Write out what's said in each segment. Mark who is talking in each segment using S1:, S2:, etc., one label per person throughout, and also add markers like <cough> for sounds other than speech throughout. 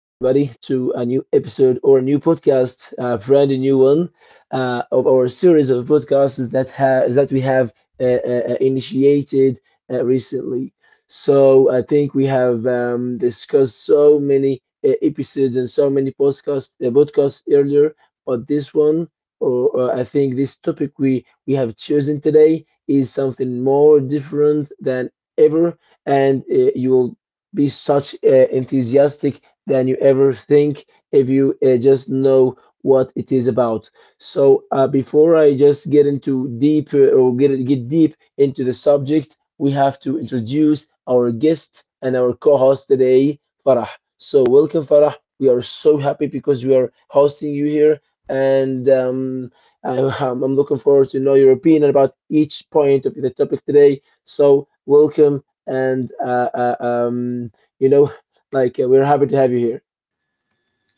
S1: to a new episode or a new podcast, a brand new one of our series of podcasts that we have initiated recently. So I think we have discussed so many episodes and so many podcasts earlier, but this one, or I think this topic we have chosen today is something more different than ever, and you will be such enthusiastic than you ever think if you just know what it is about. So before I just get into deep , or get deep into the subject, we have to introduce our guest and our co-host today, Farah. So welcome, Farah. We are so happy because we are hosting you here, and I, I'm looking forward to know your opinion about each point of the topic today. So welcome and you know <laughs> like we're happy to have you here.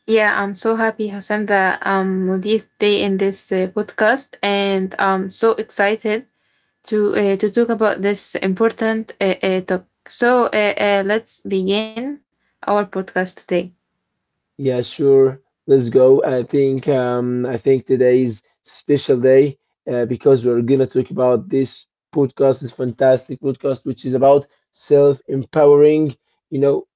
S2: Yeah, I'm so happy, Hassan, that with this day in this podcast, and I'm so excited to talk about this important talk. So let's begin our podcast today.
S1: Yeah, sure, let's go. I think today's special day, because we're gonna talk about this podcast, this fantastic podcast, which is about self empowering, you know,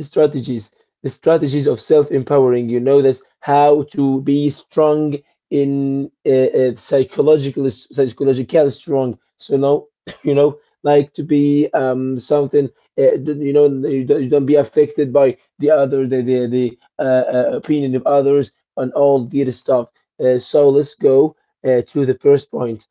S1: strategies, the strategies of self-empowering, you know, this how to be strong in , psychological strong. So now <coughs> you know, like to be something, you know, you don't be affected by the other the opinion of others and all the other stuff. So let's go to the first point.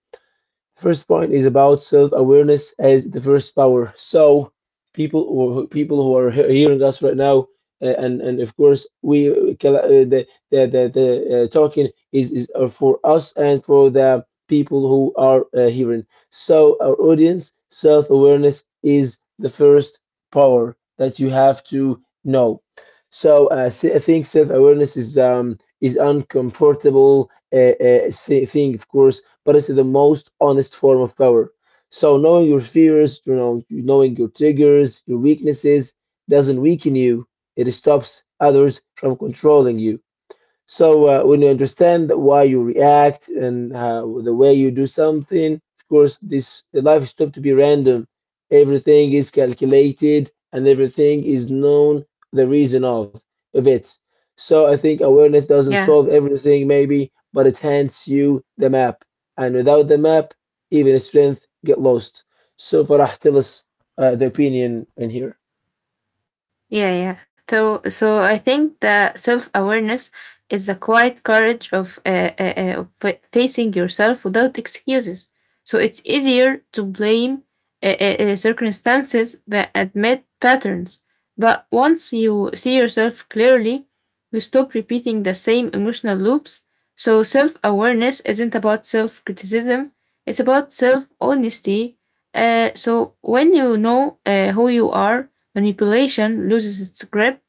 S1: First point is about self-awareness as the first power. So people, or people who are hearing us right now, and of course we the talking is for us and for the people who are hearing. So our audience, self-awareness is the first power that you have to know. So I think self-awareness is uncomfortable, thing, of course, but it's the most honest form of power. So knowing your fears, you know, knowing your triggers, your weaknesses doesn't weaken you. It stops others from controlling you. So when you understand why you react and how, the way you do something, of course, this the life is not to be random. Everything is calculated and everything is known the reason of it. So I think awareness doesn't
S2: Yeah,
S1: solve everything, maybe, but it hands you the map. And without the map, even strength get lost. So Farah, tell us the opinion in here.
S2: Yeah. So, so I think that self awareness is the quiet courage of facing yourself without excuses. So it's easier to blame circumstances than admit patterns. But once you see yourself clearly, you stop repeating the same emotional loops. So self awareness isn't about self criticism; it's about self honesty. So when you know who you are, manipulation loses its grip,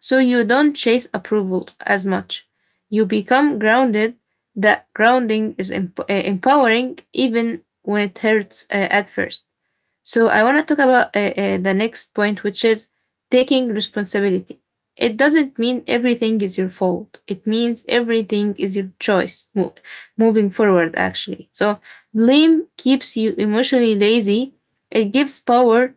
S2: so you don't chase approval as much. You become grounded. That grounding is empowering even when it hurts at first. So I want to talk about the next point, which is taking responsibility. It doesn't mean everything is your fault. It means everything is your moving forward, actually. So blame keeps you emotionally lazy. It gives power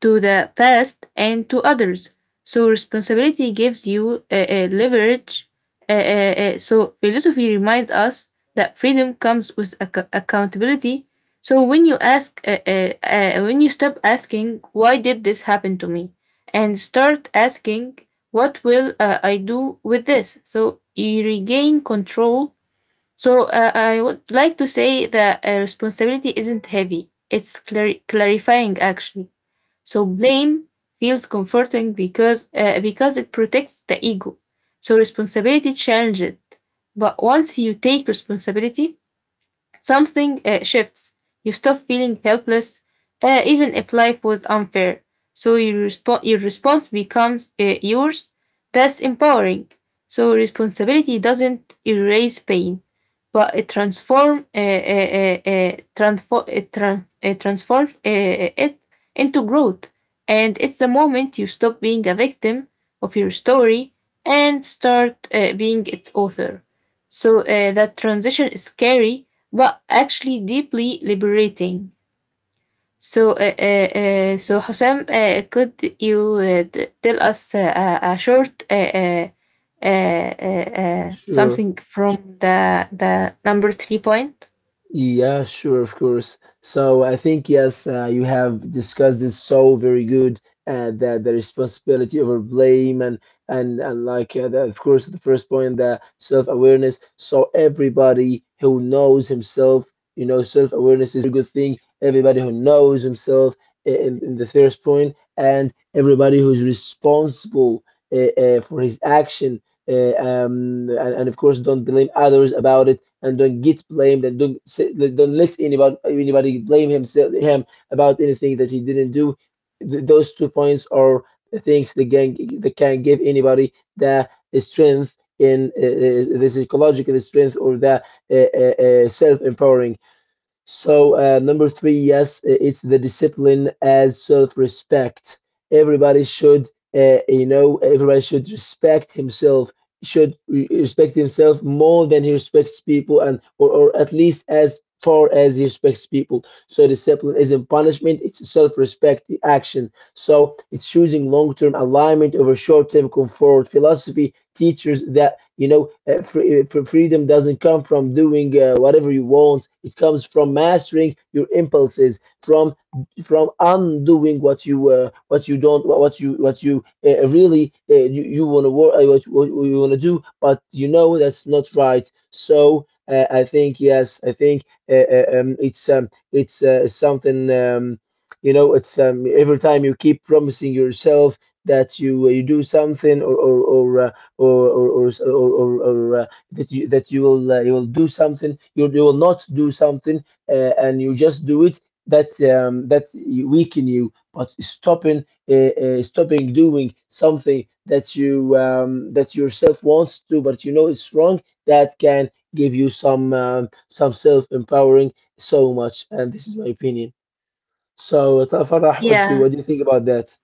S2: to the past and to others. So responsibility gives you leverage. So philosophy reminds us that freedom comes with accountability. So when you stop asking, why did this happen to me? And start asking, what will I do with this? So you regain control. So I would like to say that responsibility isn't heavy. It's clarifying actually. So blame feels comforting because it protects the ego. So responsibility challenges it. But once you take responsibility, something shifts. You stop feeling helpless, even if life was unfair. So your response becomes yours. That's empowering. So responsibility doesn't erase pain, but it transform transform it, tran- it transforms it into growth. And it's the moment you stop being a victim of your story and start being its author. So that transition is scary, but actually deeply liberating. So, uh, uh, so, Husam, could you tell us a short
S1: Sure.
S2: something from the number three point?
S1: Yeah, sure, of course. So I think yes, you have discussed this so very good, that the responsibility over blame, and like of course the first point, the self-awareness. So everybody who knows himself, you know, self-awareness is a good thing. Everybody who knows himself in the first point, and everybody who's responsible for his action. And of course, don't blame others about it, and don't get blamed, and don't say, like, don't let anybody blame himself him about anything that he didn't do. Those two points are the things that can give anybody the strength in the psychological strength, or the uh, self empowering. So, number three, yes, it's the discipline as self-respect. Everybody should, you know, everybody should respect himself, should re respect himself more than he respects people, and or at least as far as he respects people. So, discipline isn't punishment, it's self-respect, the action. So, it's choosing long-term alignment over short-term comfort. Philosophy teaches that, you know, freedom doesn't come from doing whatever you want. It comes from mastering your impulses, from undoing what you don't what you really you, you want to work what you want to do, but you know that's not right. So I think yes I think it's something you know it's every time you keep promising yourself that you do something, or, s- or that you will do something, you will not do something, and you just do it, that that weaken you. But stopping, uh, stopping doing something that you that yourself wants to, but you know it's wrong, that can give you some, some self empowering so much. And this is my opinion. So Farah,
S2: Yeah.
S1: what do you think about that?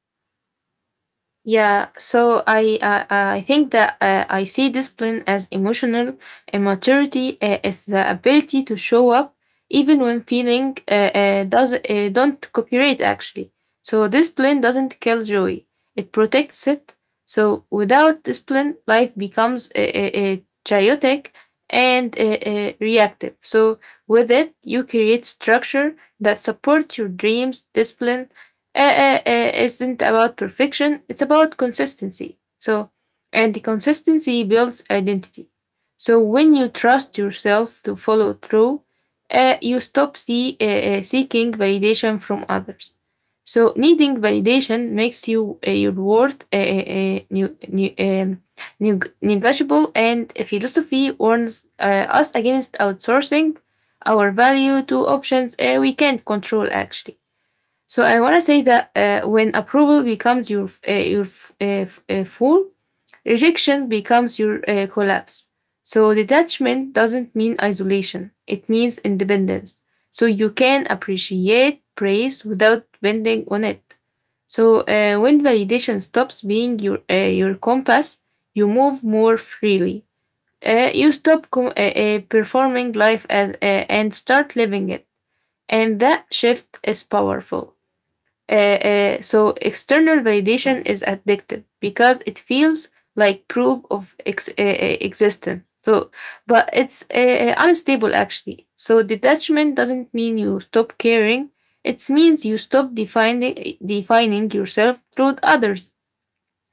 S2: Yeah, so I think that I see discipline as emotional and maturity is the ability to show up even when feeling does don't cooperate actually. So discipline doesn't kill joy; it protects it. So without discipline, life becomes chaotic and reactive. So with it, you create structure that supports your dreams. Discipline isn't about perfection, it's about consistency. So, and the consistency builds identity. So, when you trust yourself to follow through, you stop seeking validation from others. So, needing validation makes your worth negotiable, and philosophy warns us against outsourcing our value to options we can't control actually. So I want to say that when approval becomes your full, rejection becomes your collapse. So detachment doesn't mean isolation; it means independence. So you can appreciate praise without bending on it. So when validation stops being your compass, you move more freely. You stop performing life and start living it, and that shift is powerful. So external validation is addictive because it feels like proof of existence. So, but it's unstable actually. So detachment doesn't mean you stop caring. It means you stop defining yourself through others.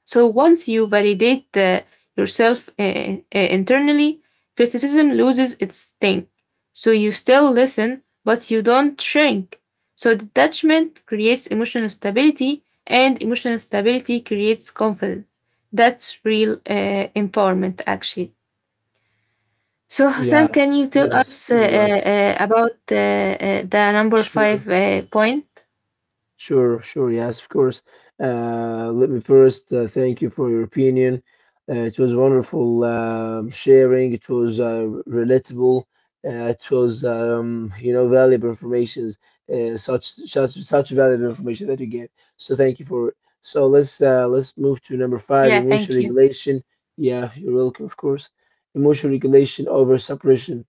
S2: So once you validate yourself internally, criticism loses its sting. So you still listen, but you don't shrink. So detachment creates emotional stability, and emotional stability creates confidence. That's real empowerment, actually. So, Sam,
S1: Yeah.
S2: can you tell
S1: Yes,
S2: us
S1: you're right.
S2: about the number five
S1: Sure.
S2: point?
S1: Sure, sure. Yes, of course. Let me first thank you for your opinion. It was wonderful, sharing. It was relatable. Uh, you know, valuable information, such valuable information that you gave. So thank you for it. So let's move to number
S2: Yeah,
S1: five,
S2: thank
S1: emotion
S2: you.
S1: regulation. Yeah, you're welcome, of course. Emotion regulation over suppression.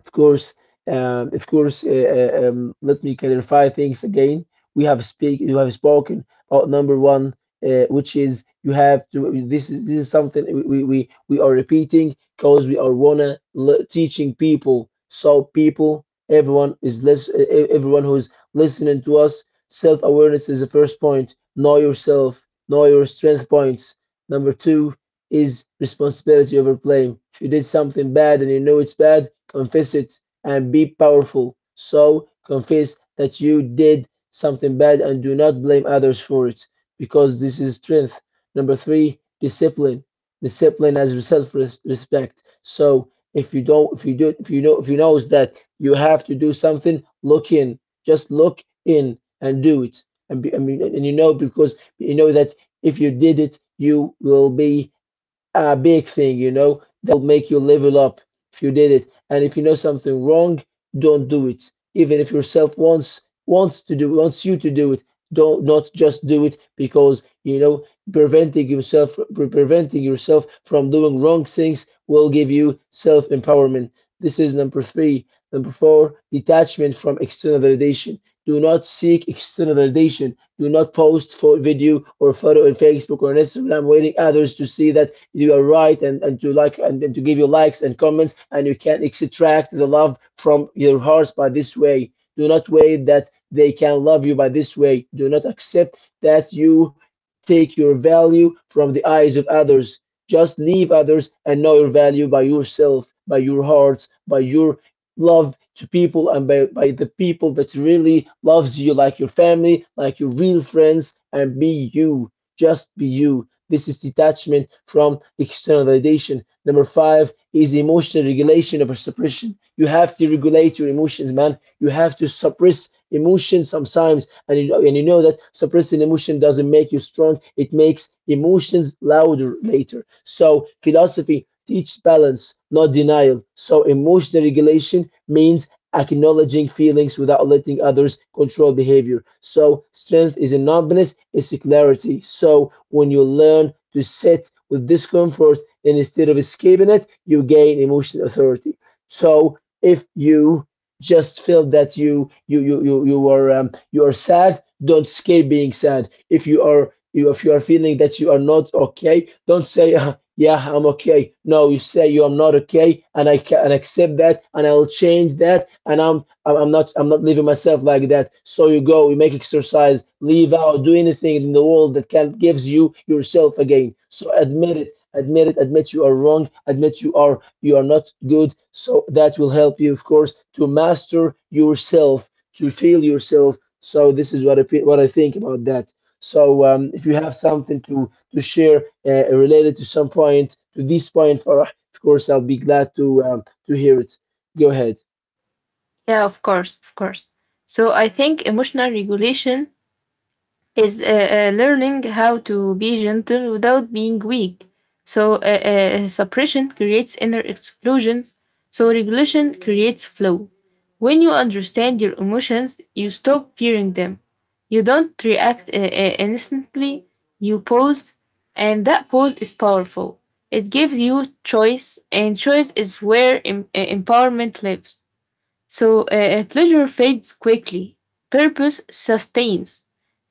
S1: Of course, of course. Let me clarify things again. We have speak. You have spoken about number one, which is you have to. This is something we are repeating because we are wanna teaching people. So people, everyone is less. Everyone who's listening to us, self awareness is the first point. Know yourself. Know your strength points. Number two is responsibility over blame. If you did something bad and you know it's bad, confess it and be powerful. So confess that you did something bad and do not blame others for it because this is strength. Number three, discipline. Discipline as self respect. So if you don't, if you do, if you know, if you knows that you have to do something, look in. Just look in and do it. And, be, I mean, and you know because you know that if you did it, you will be a big thing, you know, that'll make you level up if you did it. And if you know something wrong, don't do it. Even if yourself wants you to do it, don't not just do it, because you know preventing yourself preventing yourself from doing wrong things will give you self empowerment. This is number three. Number four, detachment from external validation. Do not seek external validation. Do not post for video or photo on Facebook or on Instagram, waiting others to see that you are right, and to like, and to give your likes and comments, and you can extract the love from your hearts by this way. Do not wait that they can love you by this way. Do not accept that you take your value from the eyes of others. Just leave others and know your value by yourself, by your hearts, by your love to people, and by the people that really loves you, like your family, like your real friends, and be you. Just be you. This is detachment from external validation. Number five is emotional regulation over suppression. You have to regulate your emotions, man. You have to suppress emotion sometimes. And and you know that suppressing emotion doesn't make you strong, it makes emotions louder later. So, philosophy teach balance, not denial. So emotional regulation means acknowledging feelings without letting others control behavior. So, strength is in numbness, it's clarity. So, when you learn to sit with discomfort and instead of escaping it, you gain emotional authority. So, if you just feel that you are sad, don't escape being sad. If if you are feeling that you are not okay, don't say, "Ah," "Yeah, I'm okay." No, you say, "You are not okay," and I can and accept that, and I'll change that, and I'm not leaving myself like that. So you go, you make exercise, leave out, do anything in the world that can gives you yourself again. So admit it, admit you are wrong, admit you are not good. So that will help you, of course, to master yourself, to feel yourself. So this is what I think about that. So if you have something to share related to some point, to this point, Farah, of course I'll be glad to hear it. Go ahead.
S2: Yeah, of course, of course. So, I think emotional regulation is learning how to be gentle without being weak. So, suppression creates inner explosions. So, regulation creates flow. When you understand your emotions, you stop fearing them. You don't react instantly, you pause, and that pause is powerful. It gives you choice, and choice is where empowerment lives. So pleasure fades quickly, purpose sustains.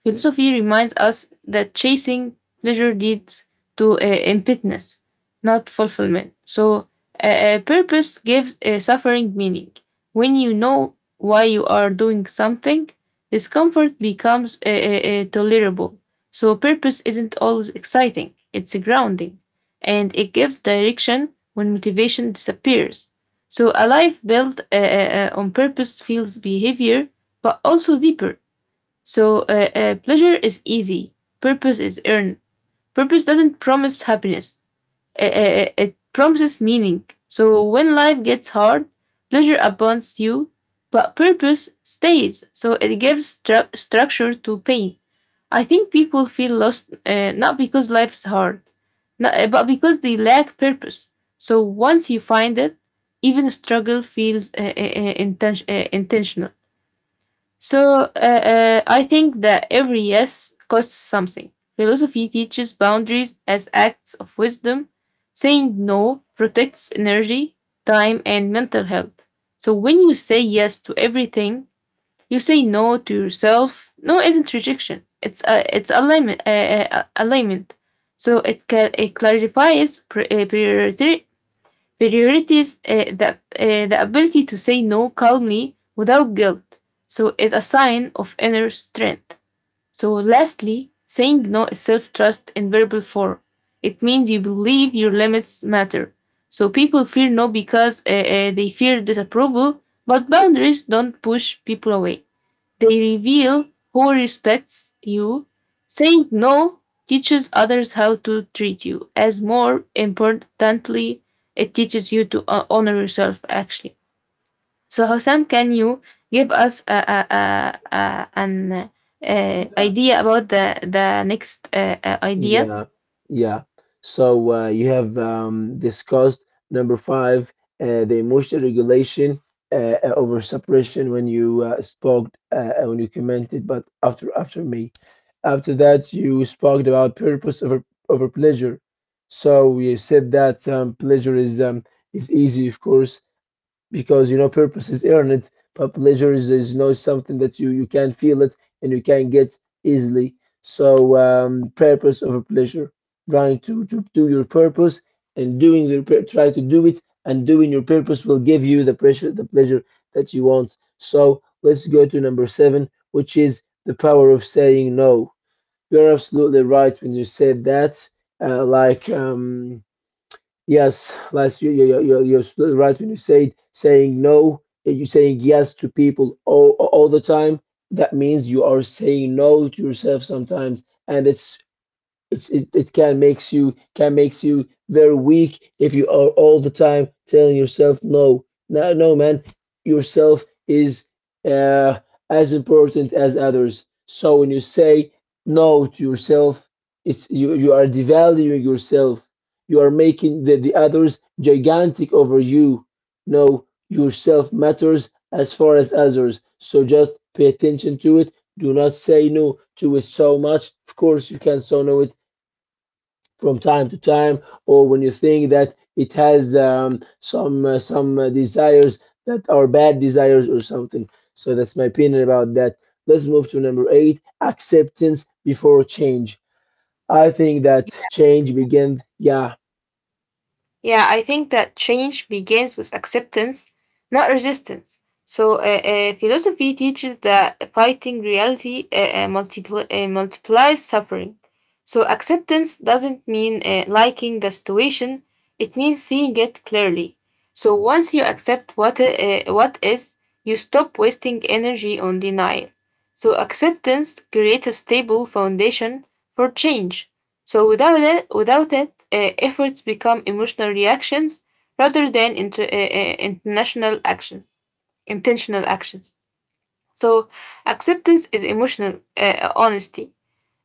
S2: Philosophy reminds us that chasing pleasure leads to emptiness, not fulfillment. So purpose gives suffering meaning. When you know why you are doing something, discomfort becomes tolerable. So purpose isn't always exciting, it's grounding, and it gives direction when motivation disappears. So a life built on purpose feels behavior, but also deeper. So pleasure is easy, purpose is earned. Purpose doesn't promise happiness, it promises meaning. So when life gets hard, pleasure abandons you, but purpose stays. So it gives structure to pain. I think people feel lost not because life is hard, not, but because they lack purpose. So once you find it, even struggle feels intentional. So I think that every yes costs something. Philosophy teaches boundaries as acts of wisdom. Saying no protects energy, time, and mental health. So when you say yes to everything, you say no to yourself. No isn't rejection. It's alignment. Alignment. So it clarifies priority, priorities. The ability to say no calmly without guilt. So is a sign of inner strength. So lastly, saying no is self trust in verbal form. It means you believe your limits matter. So people fear no because they fear disapproval, but boundaries don't push people away. They reveal who respects you. Saying no teaches others how to treat you. As more importantly, it teaches you to honor yourself, actually. So, Hossam, can you give us an
S1: Yeah.
S2: idea about the next idea?
S1: Yeah, yeah. So you have discussed number five, the emotional regulation over suppression, when you spoke when you commented, but after me, after that you spoke about purpose over pleasure. So you said that pleasure is is easy, of course, because you know purpose is earned, but pleasure is you know something that you can feel it and you can get easily. So purpose over pleasure, trying to do your purpose and doing your pur- try to do it and doing your purpose will give you the pleasure that you want. So let's go to number seven, which is the power of saying no. You're absolutely right when you said that. Uh, like um, Yes, Les, you're still right when you say saying no, you're saying yes to people all the time. That means you are saying no to yourself sometimes, and it can makes you very weak if you are all the time telling yourself no no no man, yourself is uh, as important as others. So when you say no to yourself, it's, you are devaluing yourself. You are making the others gigantic over you. No, yourself matters as far as others. So just pay attention to it. Do not say no to it so much. Of course you can say no it from time to time, or when you think that it has some desires that are bad desires or something. So that's my opinion about that. Let's move to number eight: acceptance before change. I think that change begins. Yeah,
S2: Yeah, I think that change begins with acceptance, not resistance. So, philosophy teaches that fighting reality multiplies suffering. So, acceptance doesn't mean liking the situation, it means seeing it clearly. So, once you accept what is, you stop wasting energy on denial. So, acceptance creates a stable foundation for change. So without it, efforts become emotional reactions rather than intentional actions. So acceptance is emotional honesty.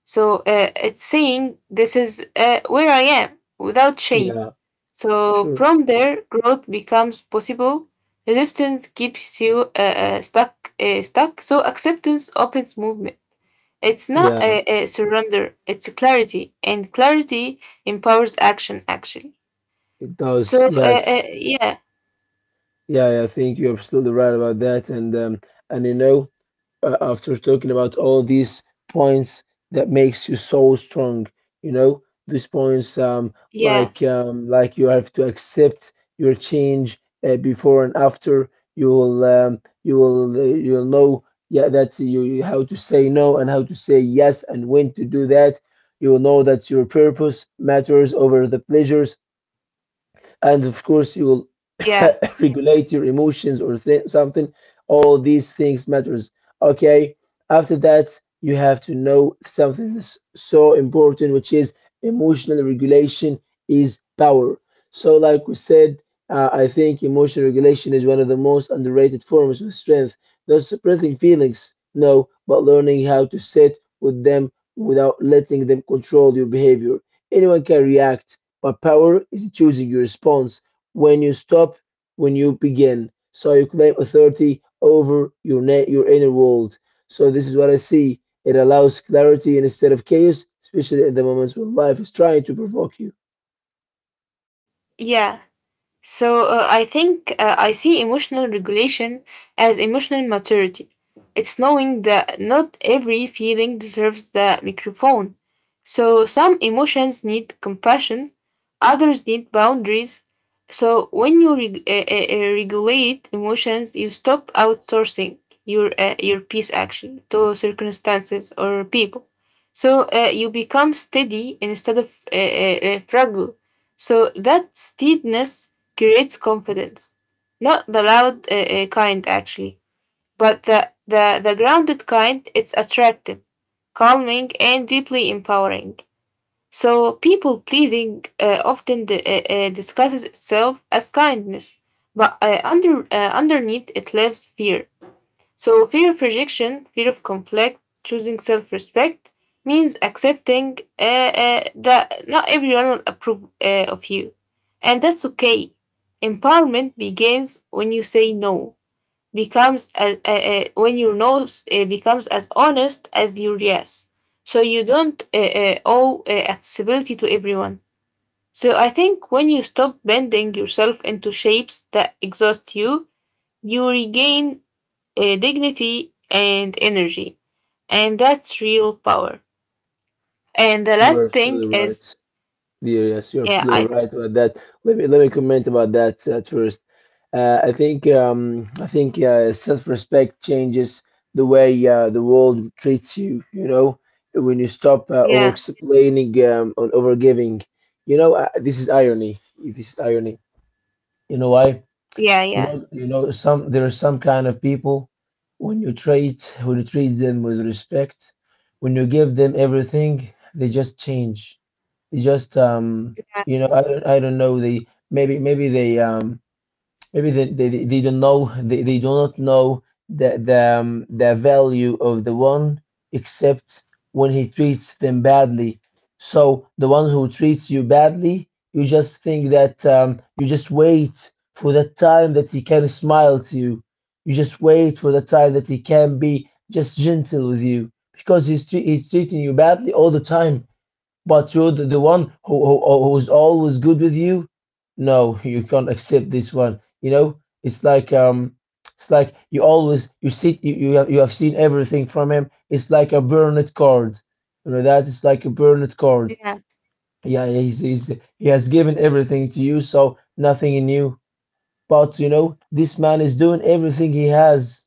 S2: So it's saying this is where I am without shame.
S1: yeah,
S2: So
S1: sure,
S2: from there, growth becomes possible. Resistance keeps you stuck. So acceptance opens movement. It's not
S1: yeah,
S2: a, a surrender, it's clarity, and clarity empowers action actually.
S1: it does.
S2: So,
S1: Yes, yeah, I think you're absolutely right about that, and you know, after talking about all these points that makes you so strong, you know, these points,
S2: yeah,
S1: like you have to accept your change before and after you will you'll know, yeah, that how to say no and how to say yes and when to do that. You will know that your purpose matters over the pleasures, and of course you will
S2: yeah,
S1: <laughs> regulate your emotions or something. All these things matters, okay. After that, you have to know something that's so important, which is emotional regulation is power. So like we said, I think emotional regulation is one of the most underrated forms of strength. Not suppressing feelings, no, but learning how to sit with them without letting them control your behavior. Anyone can react, but power is choosing your response. When you stop, when you begin. So you claim authority over your inner world. So this is what I see. It allows clarity instead of chaos, especially in the moments when life is trying to provoke you.
S2: yeah. So I think I see emotional regulation as emotional maturity. It's knowing that not every feeling deserves the microphone. So some emotions need compassion, others need boundaries. So when you regulate emotions, you stop outsourcing your peace action to circumstances or people. So you become steady instead of fragile. So that steadiness creates confidence. Not the loud kind, actually, but the grounded kind. It's attractive, calming, and deeply empowering. So, people pleasing often disguises itself as kindness, but underneath it lives fear. So, fear of rejection, fear of conflict, choosing self respect means accepting that not everyone will approve of you. And that's okay. Empowerment begins when you say no, becomes as, when your no becomes as honest as your yes. So, you don't owe accessibility to everyone. So, I think when you stop bending yourself into shapes that exhaust you, you regain dignity, and energy. And that's real power. And the
S1: You're
S2: last thing
S1: absolutely
S2: is,
S1: right. Yeah, yes, you're
S2: yeah,
S1: absolutely right about that. Let me comment about that at first. I think self-respect changes the way the world treats you. You know, when you stop
S2: yeah,
S1: over-explaining and over-giving. You know, this is irony. This is irony. You know why?
S2: yeah, yeah,
S1: You know, some there are some kind of people, when you treat them with respect, when you give them everything, they just change. They just
S2: yeah,
S1: you know, I don't know. They maybe they maybe they don't know, they do not know the value of the one except when he treats them badly. So the one who treats you badly, you just think that you just wait for the time that he can smile to you, you just wait for the time that he can be just gentle with you, because he's treating you badly all the time, but you're the one who, who is always good with you. No, you can't accept this one. You know, it's like, it's like you always you see, you have seen everything from him. It's like a burned card. You know that it's like a burned card.
S2: yeah.
S1: Yeah, he's, he has given everything to you, so nothing in you. But you know, this man is doing everything he has.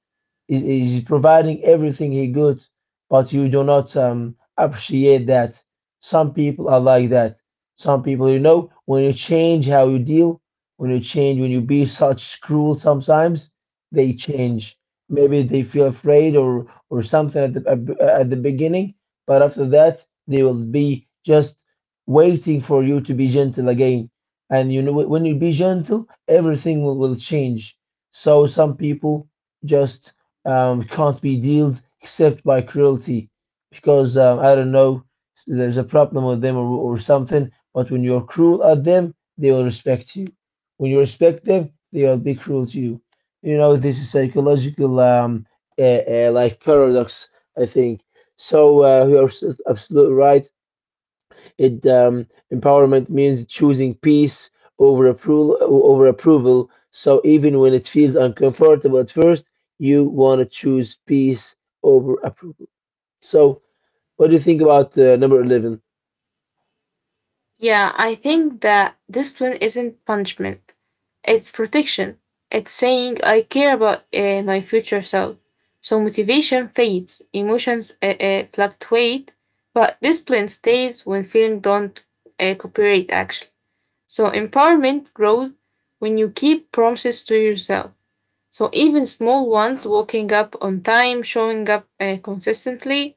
S1: Is providing everything he could, but you do not appreciate that. Some people are like that. Some people, you know, when you change how you deal, when you change, when you be such cruel, sometimes they change. Maybe they feel afraid or something at the beginning, but after that they will be just waiting for you to be gentle again. And you know, when you be gentle, everything will change. So some people, just can't be dealt except by cruelty, because I don't know, there's a problem with them, or something. But when you're cruel at them, they will respect you. When you respect them, they will be cruel to you. You know, this is psychological like paradox, I think. So you're absolutely right. It Empowerment means choosing peace over approval, over approval. So even when it feels uncomfortable at first, you want to choose peace over approval. So what do you think about number 11?
S2: Yeah, I think that discipline isn't punishment, it's protection. It's saying I care about my future self. So motivation fades, emotions fluctuate, but discipline stays when feelings don't cooperate, actually. So empowerment grows when you keep promises to yourself. So even small ones, waking up on time, showing up consistently,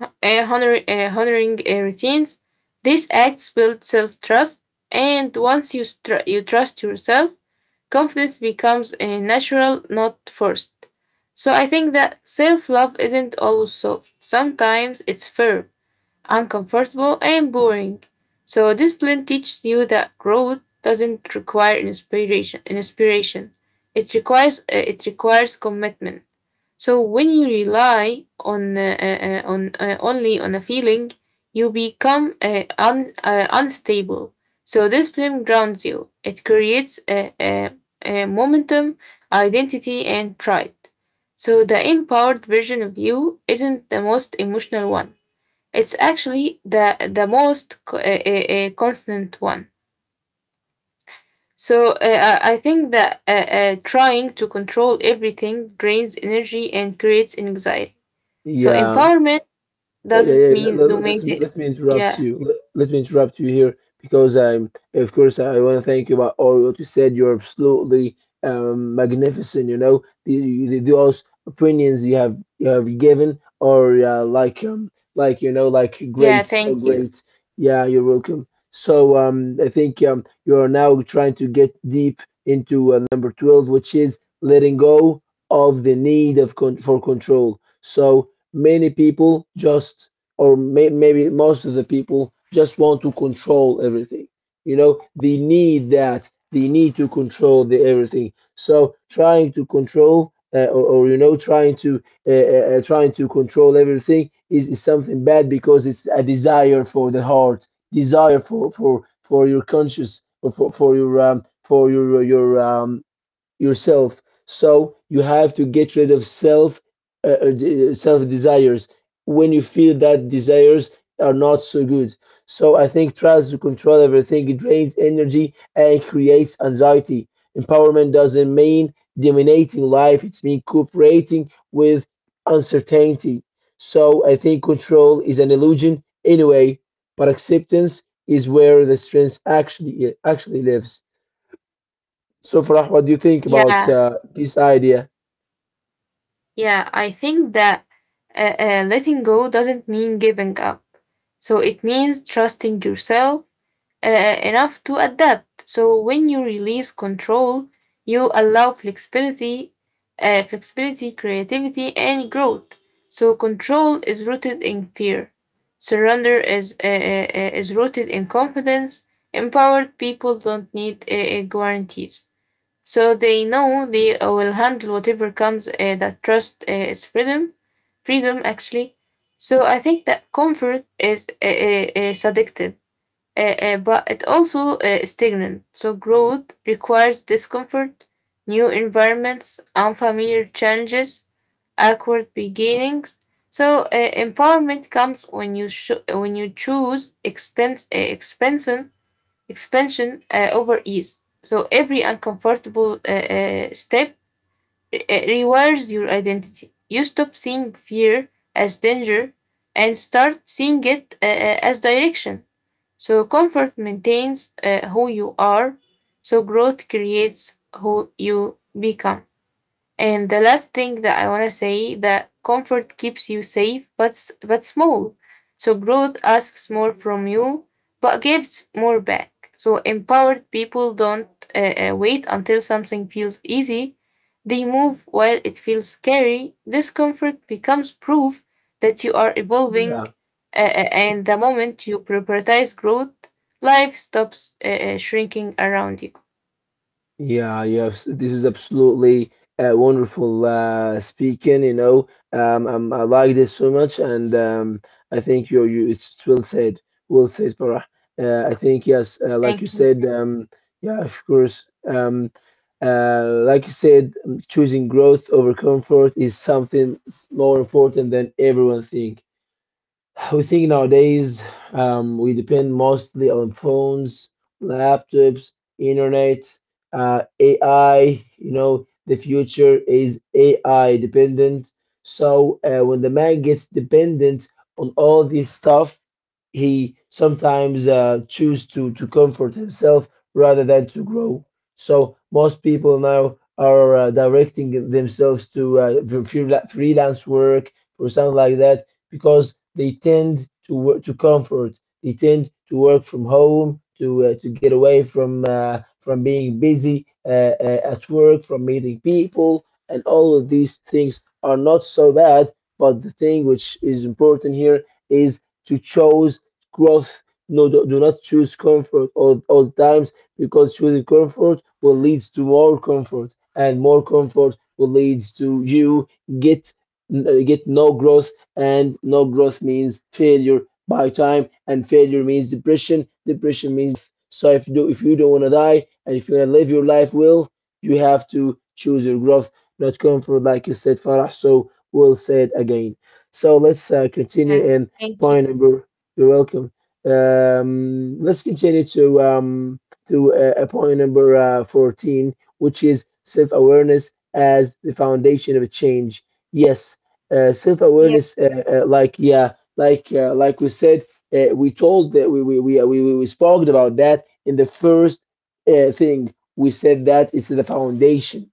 S2: honoring routines, these acts build self trust. And once you trust yourself, confidence becomes natural, not forced. So I think that self love isn't always soft, sometimes it's firm uncomfortable, and boring. So discipline teaches you that growth doesn't require inspiration. Inspiration, it requires commitment. So when you rely on only on a feeling, you become unstable. So discipline grounds you. It creates a momentum, identity, and pride. So the empowered version of you isn't the most emotional one. It's actually the most co- a constant one. So I think that trying to control everything drains energy and creates anxiety. So
S1: Yeah,
S2: empowerment
S1: yeah, yeah,
S2: doesn't
S1: yeah. Let,
S2: mean
S1: let, let me
S2: dominating.
S1: let me interrupt
S2: Yeah,
S1: you. Let me interrupt you here, because I'm, of course, I want to thank you about all what you said. You're absolutely magnificent. You know, the those opinions you have given are like, you know, like
S2: yeah.
S1: great, so
S2: Thank you.
S1: great. Yeah, you're welcome. So I think you are now trying to get deep into number 12, which is letting go of the need of con for control. So many people just, or maybe most of the people just want to control everything. You know, they need that. They need to control the everything. So trying to control, or you know, trying to trying to control everything is something bad, because it's a desire for the heart, desire for your conscious, or for your for your yourself. So you have to get rid of uh, self desires when you feel that desires are not so good. So I think tries to control everything, it drains energy and creates anxiety. Empowerment doesn't mean dominating life; it's mean cooperating with uncertainty. So I think control is an illusion anyway, but acceptance is where the strength actually lives. So, Farah, what do you think about
S2: Yeah,
S1: this idea?
S2: yeah. I think that letting go doesn't mean giving up. So it means trusting yourself uh, enough to adapt. So when you release control, you allow flexibility, creativity, and growth. So control is rooted in fear. Surrender is rooted in confidence. Empowered people don't need guarantees. So they know they will handle whatever comes. That trust is freedom, freedom actually. So I think that comfort is seductive but it also is stagnant. So growth requires discomfort, new environments, unfamiliar challenges, awkward beginnings. So empowerment comes when you when you choose expansion expansion over ease. So every uncomfortable step rewires your identity. You stop seeing fear as danger and start seeing it as direction. So comfort maintains who you are. So growth creates who you become. And the last thing that I want to say that comfort keeps you safe but but small. So growth asks more from you but gives more back. So empowered people don't wait until something feels easy. They move while it feels scary. Discomfort becomes proof that you are evolving
S1: Yeah, sure.
S2: and the moment you prioritize growth, life stops shrinking around you.
S1: Yeah, yes, this is absolutely wonderful speaking. You know, I like this so much, and I think you, it's well said. Well said, Farah. I think yes, like you
S2: Thank you.
S1: said, yeah, of course. Like you said, choosing growth over comfort is something more important than everyone think. <sighs> We think nowadays, we depend mostly on phones, laptops, internet, AI. You know, the future is AI dependent. So when the man gets dependent on all this stuff, he sometimes choose to comfort himself rather than to grow. So most people now are directing themselves to freelance work or something like that, because they tend to work to comfort. They tend to work from home to get away from being busy at work, from meeting people, and all of these things are not so bad. But the thing which is important here is to choose growth. No, do not choose comfort all times, because choosing comfort will lead to more comfort, and more comfort will lead to you get get no growth, and no growth means failure by time, and failure means depression, depression means death. So if you do, if you don't want to die, and if you want to live your life well, you have to choose your growth, not comfort, like you said, Farah. So we'll say it again. So let's continue
S2: Yeah.
S1: in
S2: Thank you.
S1: point number, you're welcome, let's continue to point number 14, which is self-awareness as the foundation of a change. Yes, self
S2: Yeah.
S1: awareness, yeah, like we said, we told that we spoke about that in the first thing. We said that it's the foundation.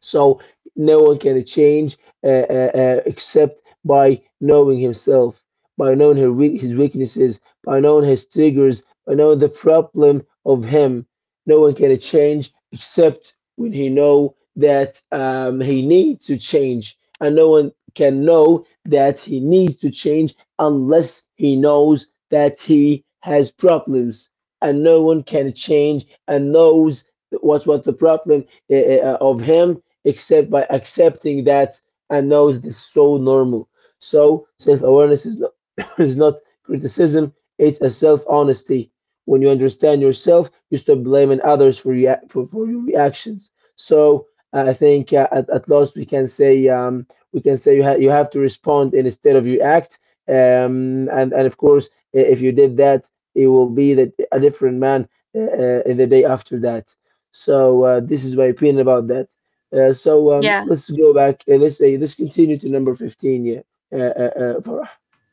S1: So no one can change except by knowing himself, by knowing his weaknesses, by knowing his triggers, by knowing the problem of him. No one can change except when he know that he needs to change, and no one can know that he needs to change unless he knows that he has problems, and no one can change and knows what was the problem of him except by accepting that and knows this is so normal. So self awareness is not <coughs> is not criticism; it's a self honesty. When you understand yourself, you stop blaming others for your reactions. So I think at last we can say you have to respond instead of you act. And of course, if you did that, it will be that a different man in the day after that. So this is my opinion about that.
S2: Yeah.
S1: Let's go back and let's say let's continue to number 15. Yeah, Farah,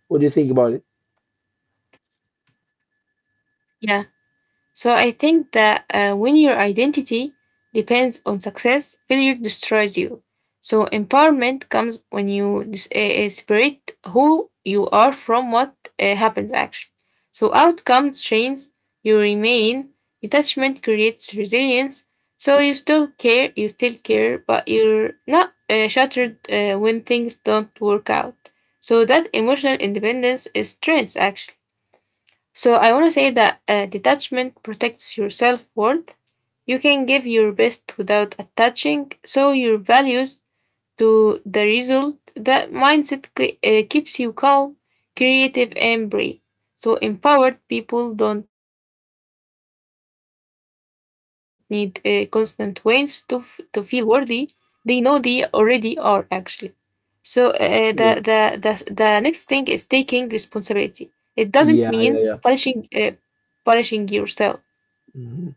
S1: what do you think about it?
S2: Yeah. So I think that when your identity depends on success, failure destroys you. So empowerment comes when you separate who you are from what happens actually. So outcomes change, you remain. Detachment creates resilience. So you still care, but you're not shattered when things don't work out. So that emotional independence is strength actually. So I want to say that detachment protects your self worth. You can give your best without attaching, so your values to the result. That mindset keeps you calm, creative, and brave. So empowered people don't need constant wins to to feel worthy. They know they already are actually. So the, the next
S1: Sure.
S2: thing is taking responsibility. It doesn't mean
S1: Yeah, yeah, yeah.
S2: punishing punishing yourself.
S1: Mm-hmm.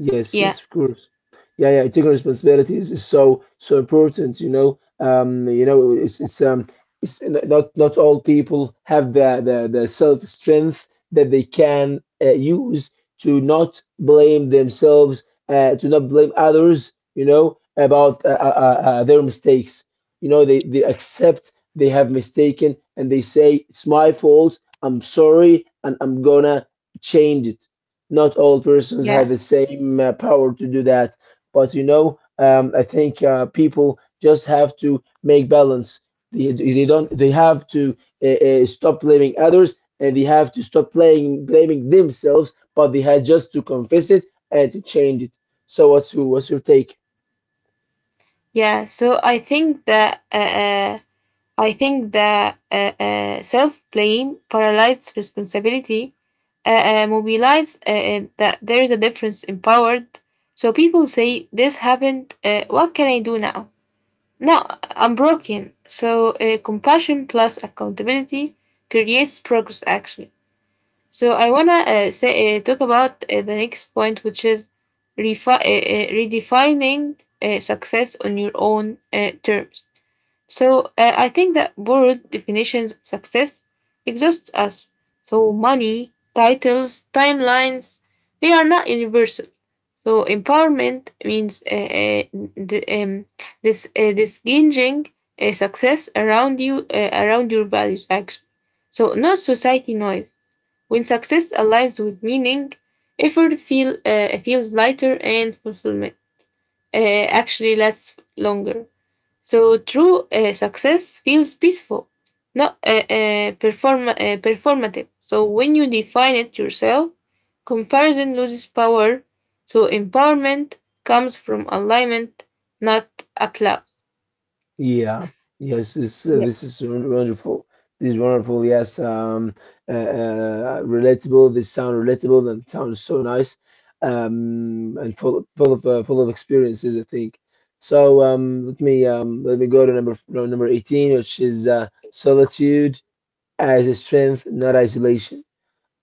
S1: Yes,
S2: Yeah,
S1: yes, of course. Yeah, yeah, taking responsibilities is so so important, you know. It's it's not all people have the self strength that they can use to not blame themselves, to not blame others, you know, about their mistakes. You know, they accept they have mistaken and they say it's my fault. I'm sorry, and I'm gonna change it. Not all persons have
S2: yeah,
S1: the same power to do that. But you know, I think people just have to make balance. They don't. They have to stop blaming others, and they have to stop playing blaming themselves. But they had just to confess it and to change it. So, what's your take?
S2: yeah. So I think that self blame, paralyzes responsibility, mobilize that there is a difference in power. So people say this happened. What can I do now? No, I'm broken. So compassion plus accountability creates progress. Actually. So I wanna say talk about the next point, which is redefining success on your own terms. So I think that borrowed definitions of success exhaust us. So money, titles, timelines, they are not universal. So empowerment means the, um, this this gauging success around you around your values actually. So not society noise. When success aligns with meaning, effort feels lighter and fulfillment actually lasts longer. So true success feels peaceful, not performative. So when you define it yourself, comparison loses power. So empowerment comes from alignment, not applause.
S1: Yeah, yes, this,
S2: Yeah,
S1: this is wonderful. This is wonderful. Yes, relatable. This sound relatable and sounds so nice, and full of experiences, I think. So let me go to number no, number 18, which is solitude as a strength, not isolation.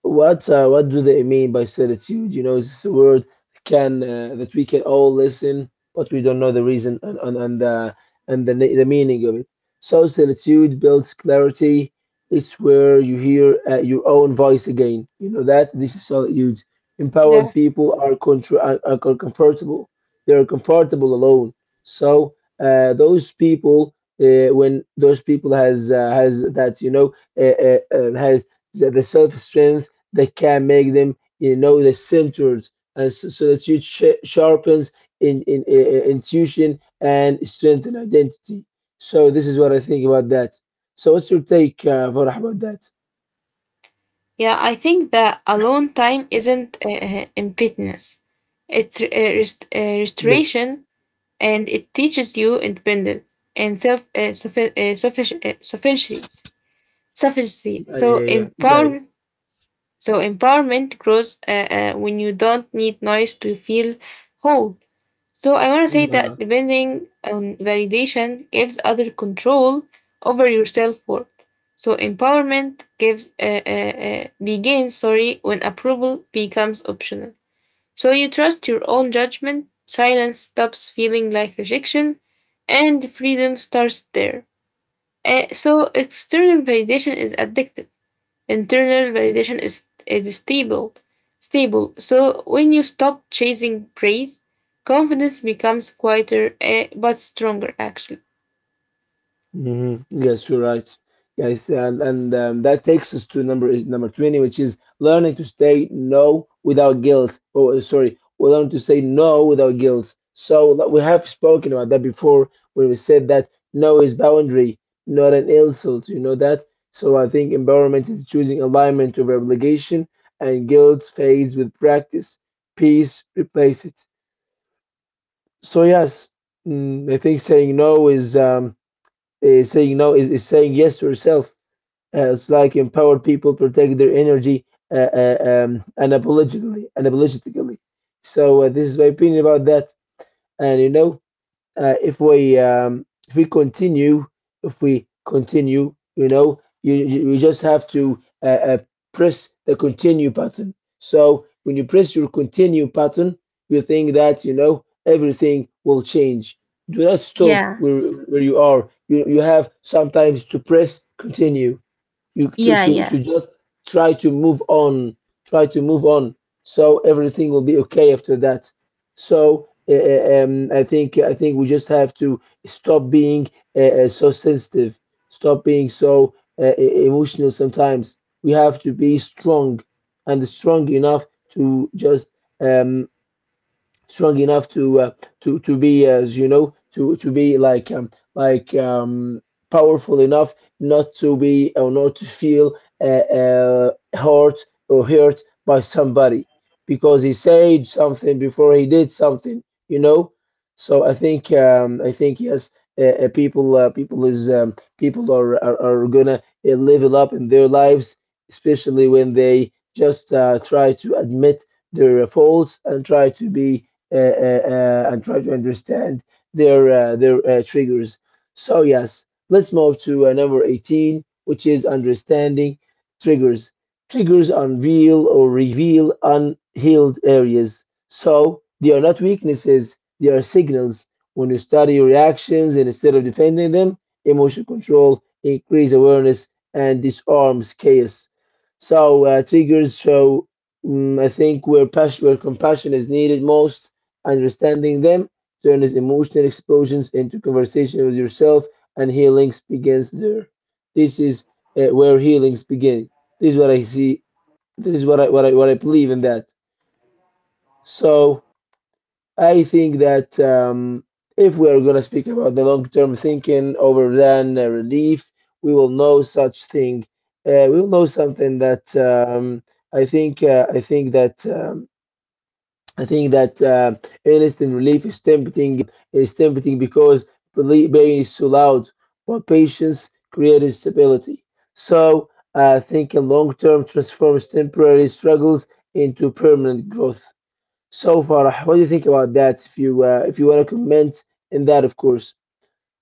S1: What do they mean by certitude? You know, it's a word can that we can all listen, but we don't know the reason and the and the meaning of it. So solitude builds clarity. It's where you hear your own voice again. You know that this is solitude. Empowered
S2: yeah,
S1: people are comfortable. They are comfortable alone. So those people, when those people has that you know has that the self strength that can make them, you know, the centered and so that you sharpens in intuition and strengthen identity. So this is what I think about that. So what's your take, Farah, about that?
S2: yeah. I think that alone time isn't emptiness; it's
S1: Yes.
S2: restoration, and it teaches you independence and self sufficiency. Sufficiency.
S1: Yeah,
S2: So
S1: yeah, yeah. Yeah.
S2: empowerment. So empowerment grows when you don't need noise to feel whole. So I want to say
S1: Yeah.
S2: that depending on validation gives other control over your self worth. So empowerment gives begins, sorry, when approval becomes optional. So you trust your own judgment, silence stops feeling like rejection, and freedom starts there. So external validation is addictive. Internal validation is stable. Stable. So when you stop chasing praise, confidence becomes quieter, but stronger actually.
S1: Hmm. Yes, you're right. Yes, and, that takes us to number 20, which is learning to say no without guilt. Oh, sorry, we learn to say no without guilt. So like, we have spoken about that before when we said that no is boundary, not an insult. You know that? So I think empowerment is choosing alignment over obligation, and guilt fades with practice. Peace replaces it. So yes, mm, I think saying no is, is saying yes to herself. It's like empowered people protect their energy uh, uh, unapologetically, unapologetically. So this is my opinion about that. And you know, uh, if we um, if we continue if we continue, you know, you just have to press the continue button. So when you press your continue button, you think that, you know, everything will change. Do not stop
S2: Yeah,
S1: where you are. You have sometimes to press continue. You
S2: yeah, yeah.
S1: to just try to move on. Try to move on. So everything will be okay after that. So I think we just have to stop being so sensitive. Stop being so emotional sometimes. We have to be strong and strong enough to just um, strong enough to to be, as you know, to be like powerful enough not to be or not to feel hurt or hurt by somebody because he said something before he did something, you know. So I think yes, people are gonna level up in their lives, especially when they just try to admit their faults and try to be and try to understand their triggers. So yes, let's move to number 18, which is understanding triggers. Triggers unveil or reveal unhealed areas. So they are not weaknesses; they are signals. When you study reactions and instead of defending them, emotion control increase awareness and disarms chaos. So triggers show, mm I think, where passion, where compassion is needed most. Understanding them turns emotional explosions into conversation with yourself, and healing begins there. This is where healings begin. This is what I see. This is what I believe in that. So I think that if we are gonna speak about the long term thinking over than relief, we will know such thing. We will know something that I think. Uh, I think that. Um, I think that instant relief is tempting because pain is so loud, but patience creates stability. So, thinking long term transforms temporary struggles into permanent growth. So, Farah, what do you think about that? If you want to comment in that, of course.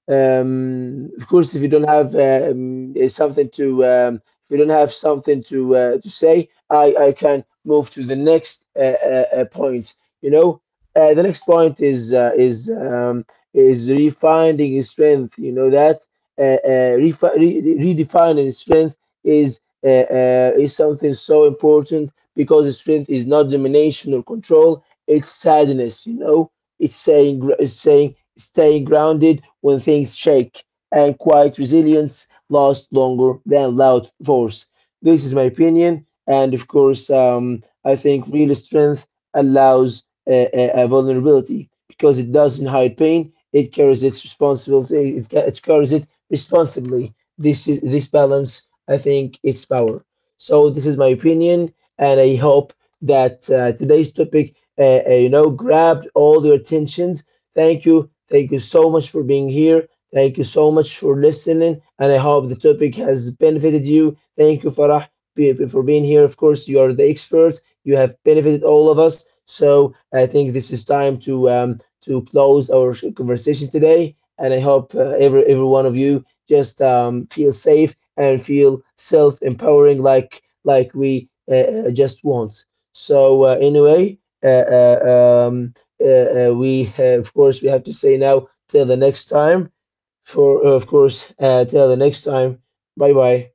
S1: Of course, if you don't have eh, something to if you don't have something to say, I can move to the next point. You know, the next point is refining strength. You know that redefining strength is something so important because strength is not domination or control. It's sadness. You know, it's saying staying grounded when things shake, and quiet resilience lasts longer than loud force. This is my opinion, and of course, I think real strength allows a vulnerability because it doesn't hide pain. It carries its responsibility. It carries it responsibly. This is this balance. I think it's power. So this is my opinion, and I hope that today's topic, you know, grabbed all your attentions. Thank you. Thank you so much for being here. Thank you so much for listening. And I hope the topic has benefited you. Thank you, Farah, for being here. Of course, you are the expert. You have benefited all of us. So I think this is time to close our conversation today. And I hope every one of you just feel safe and feel self empowering, like we just want. So uh, uh, um, we of course we have to say now till the next time, for of course till the next time. Bye bye.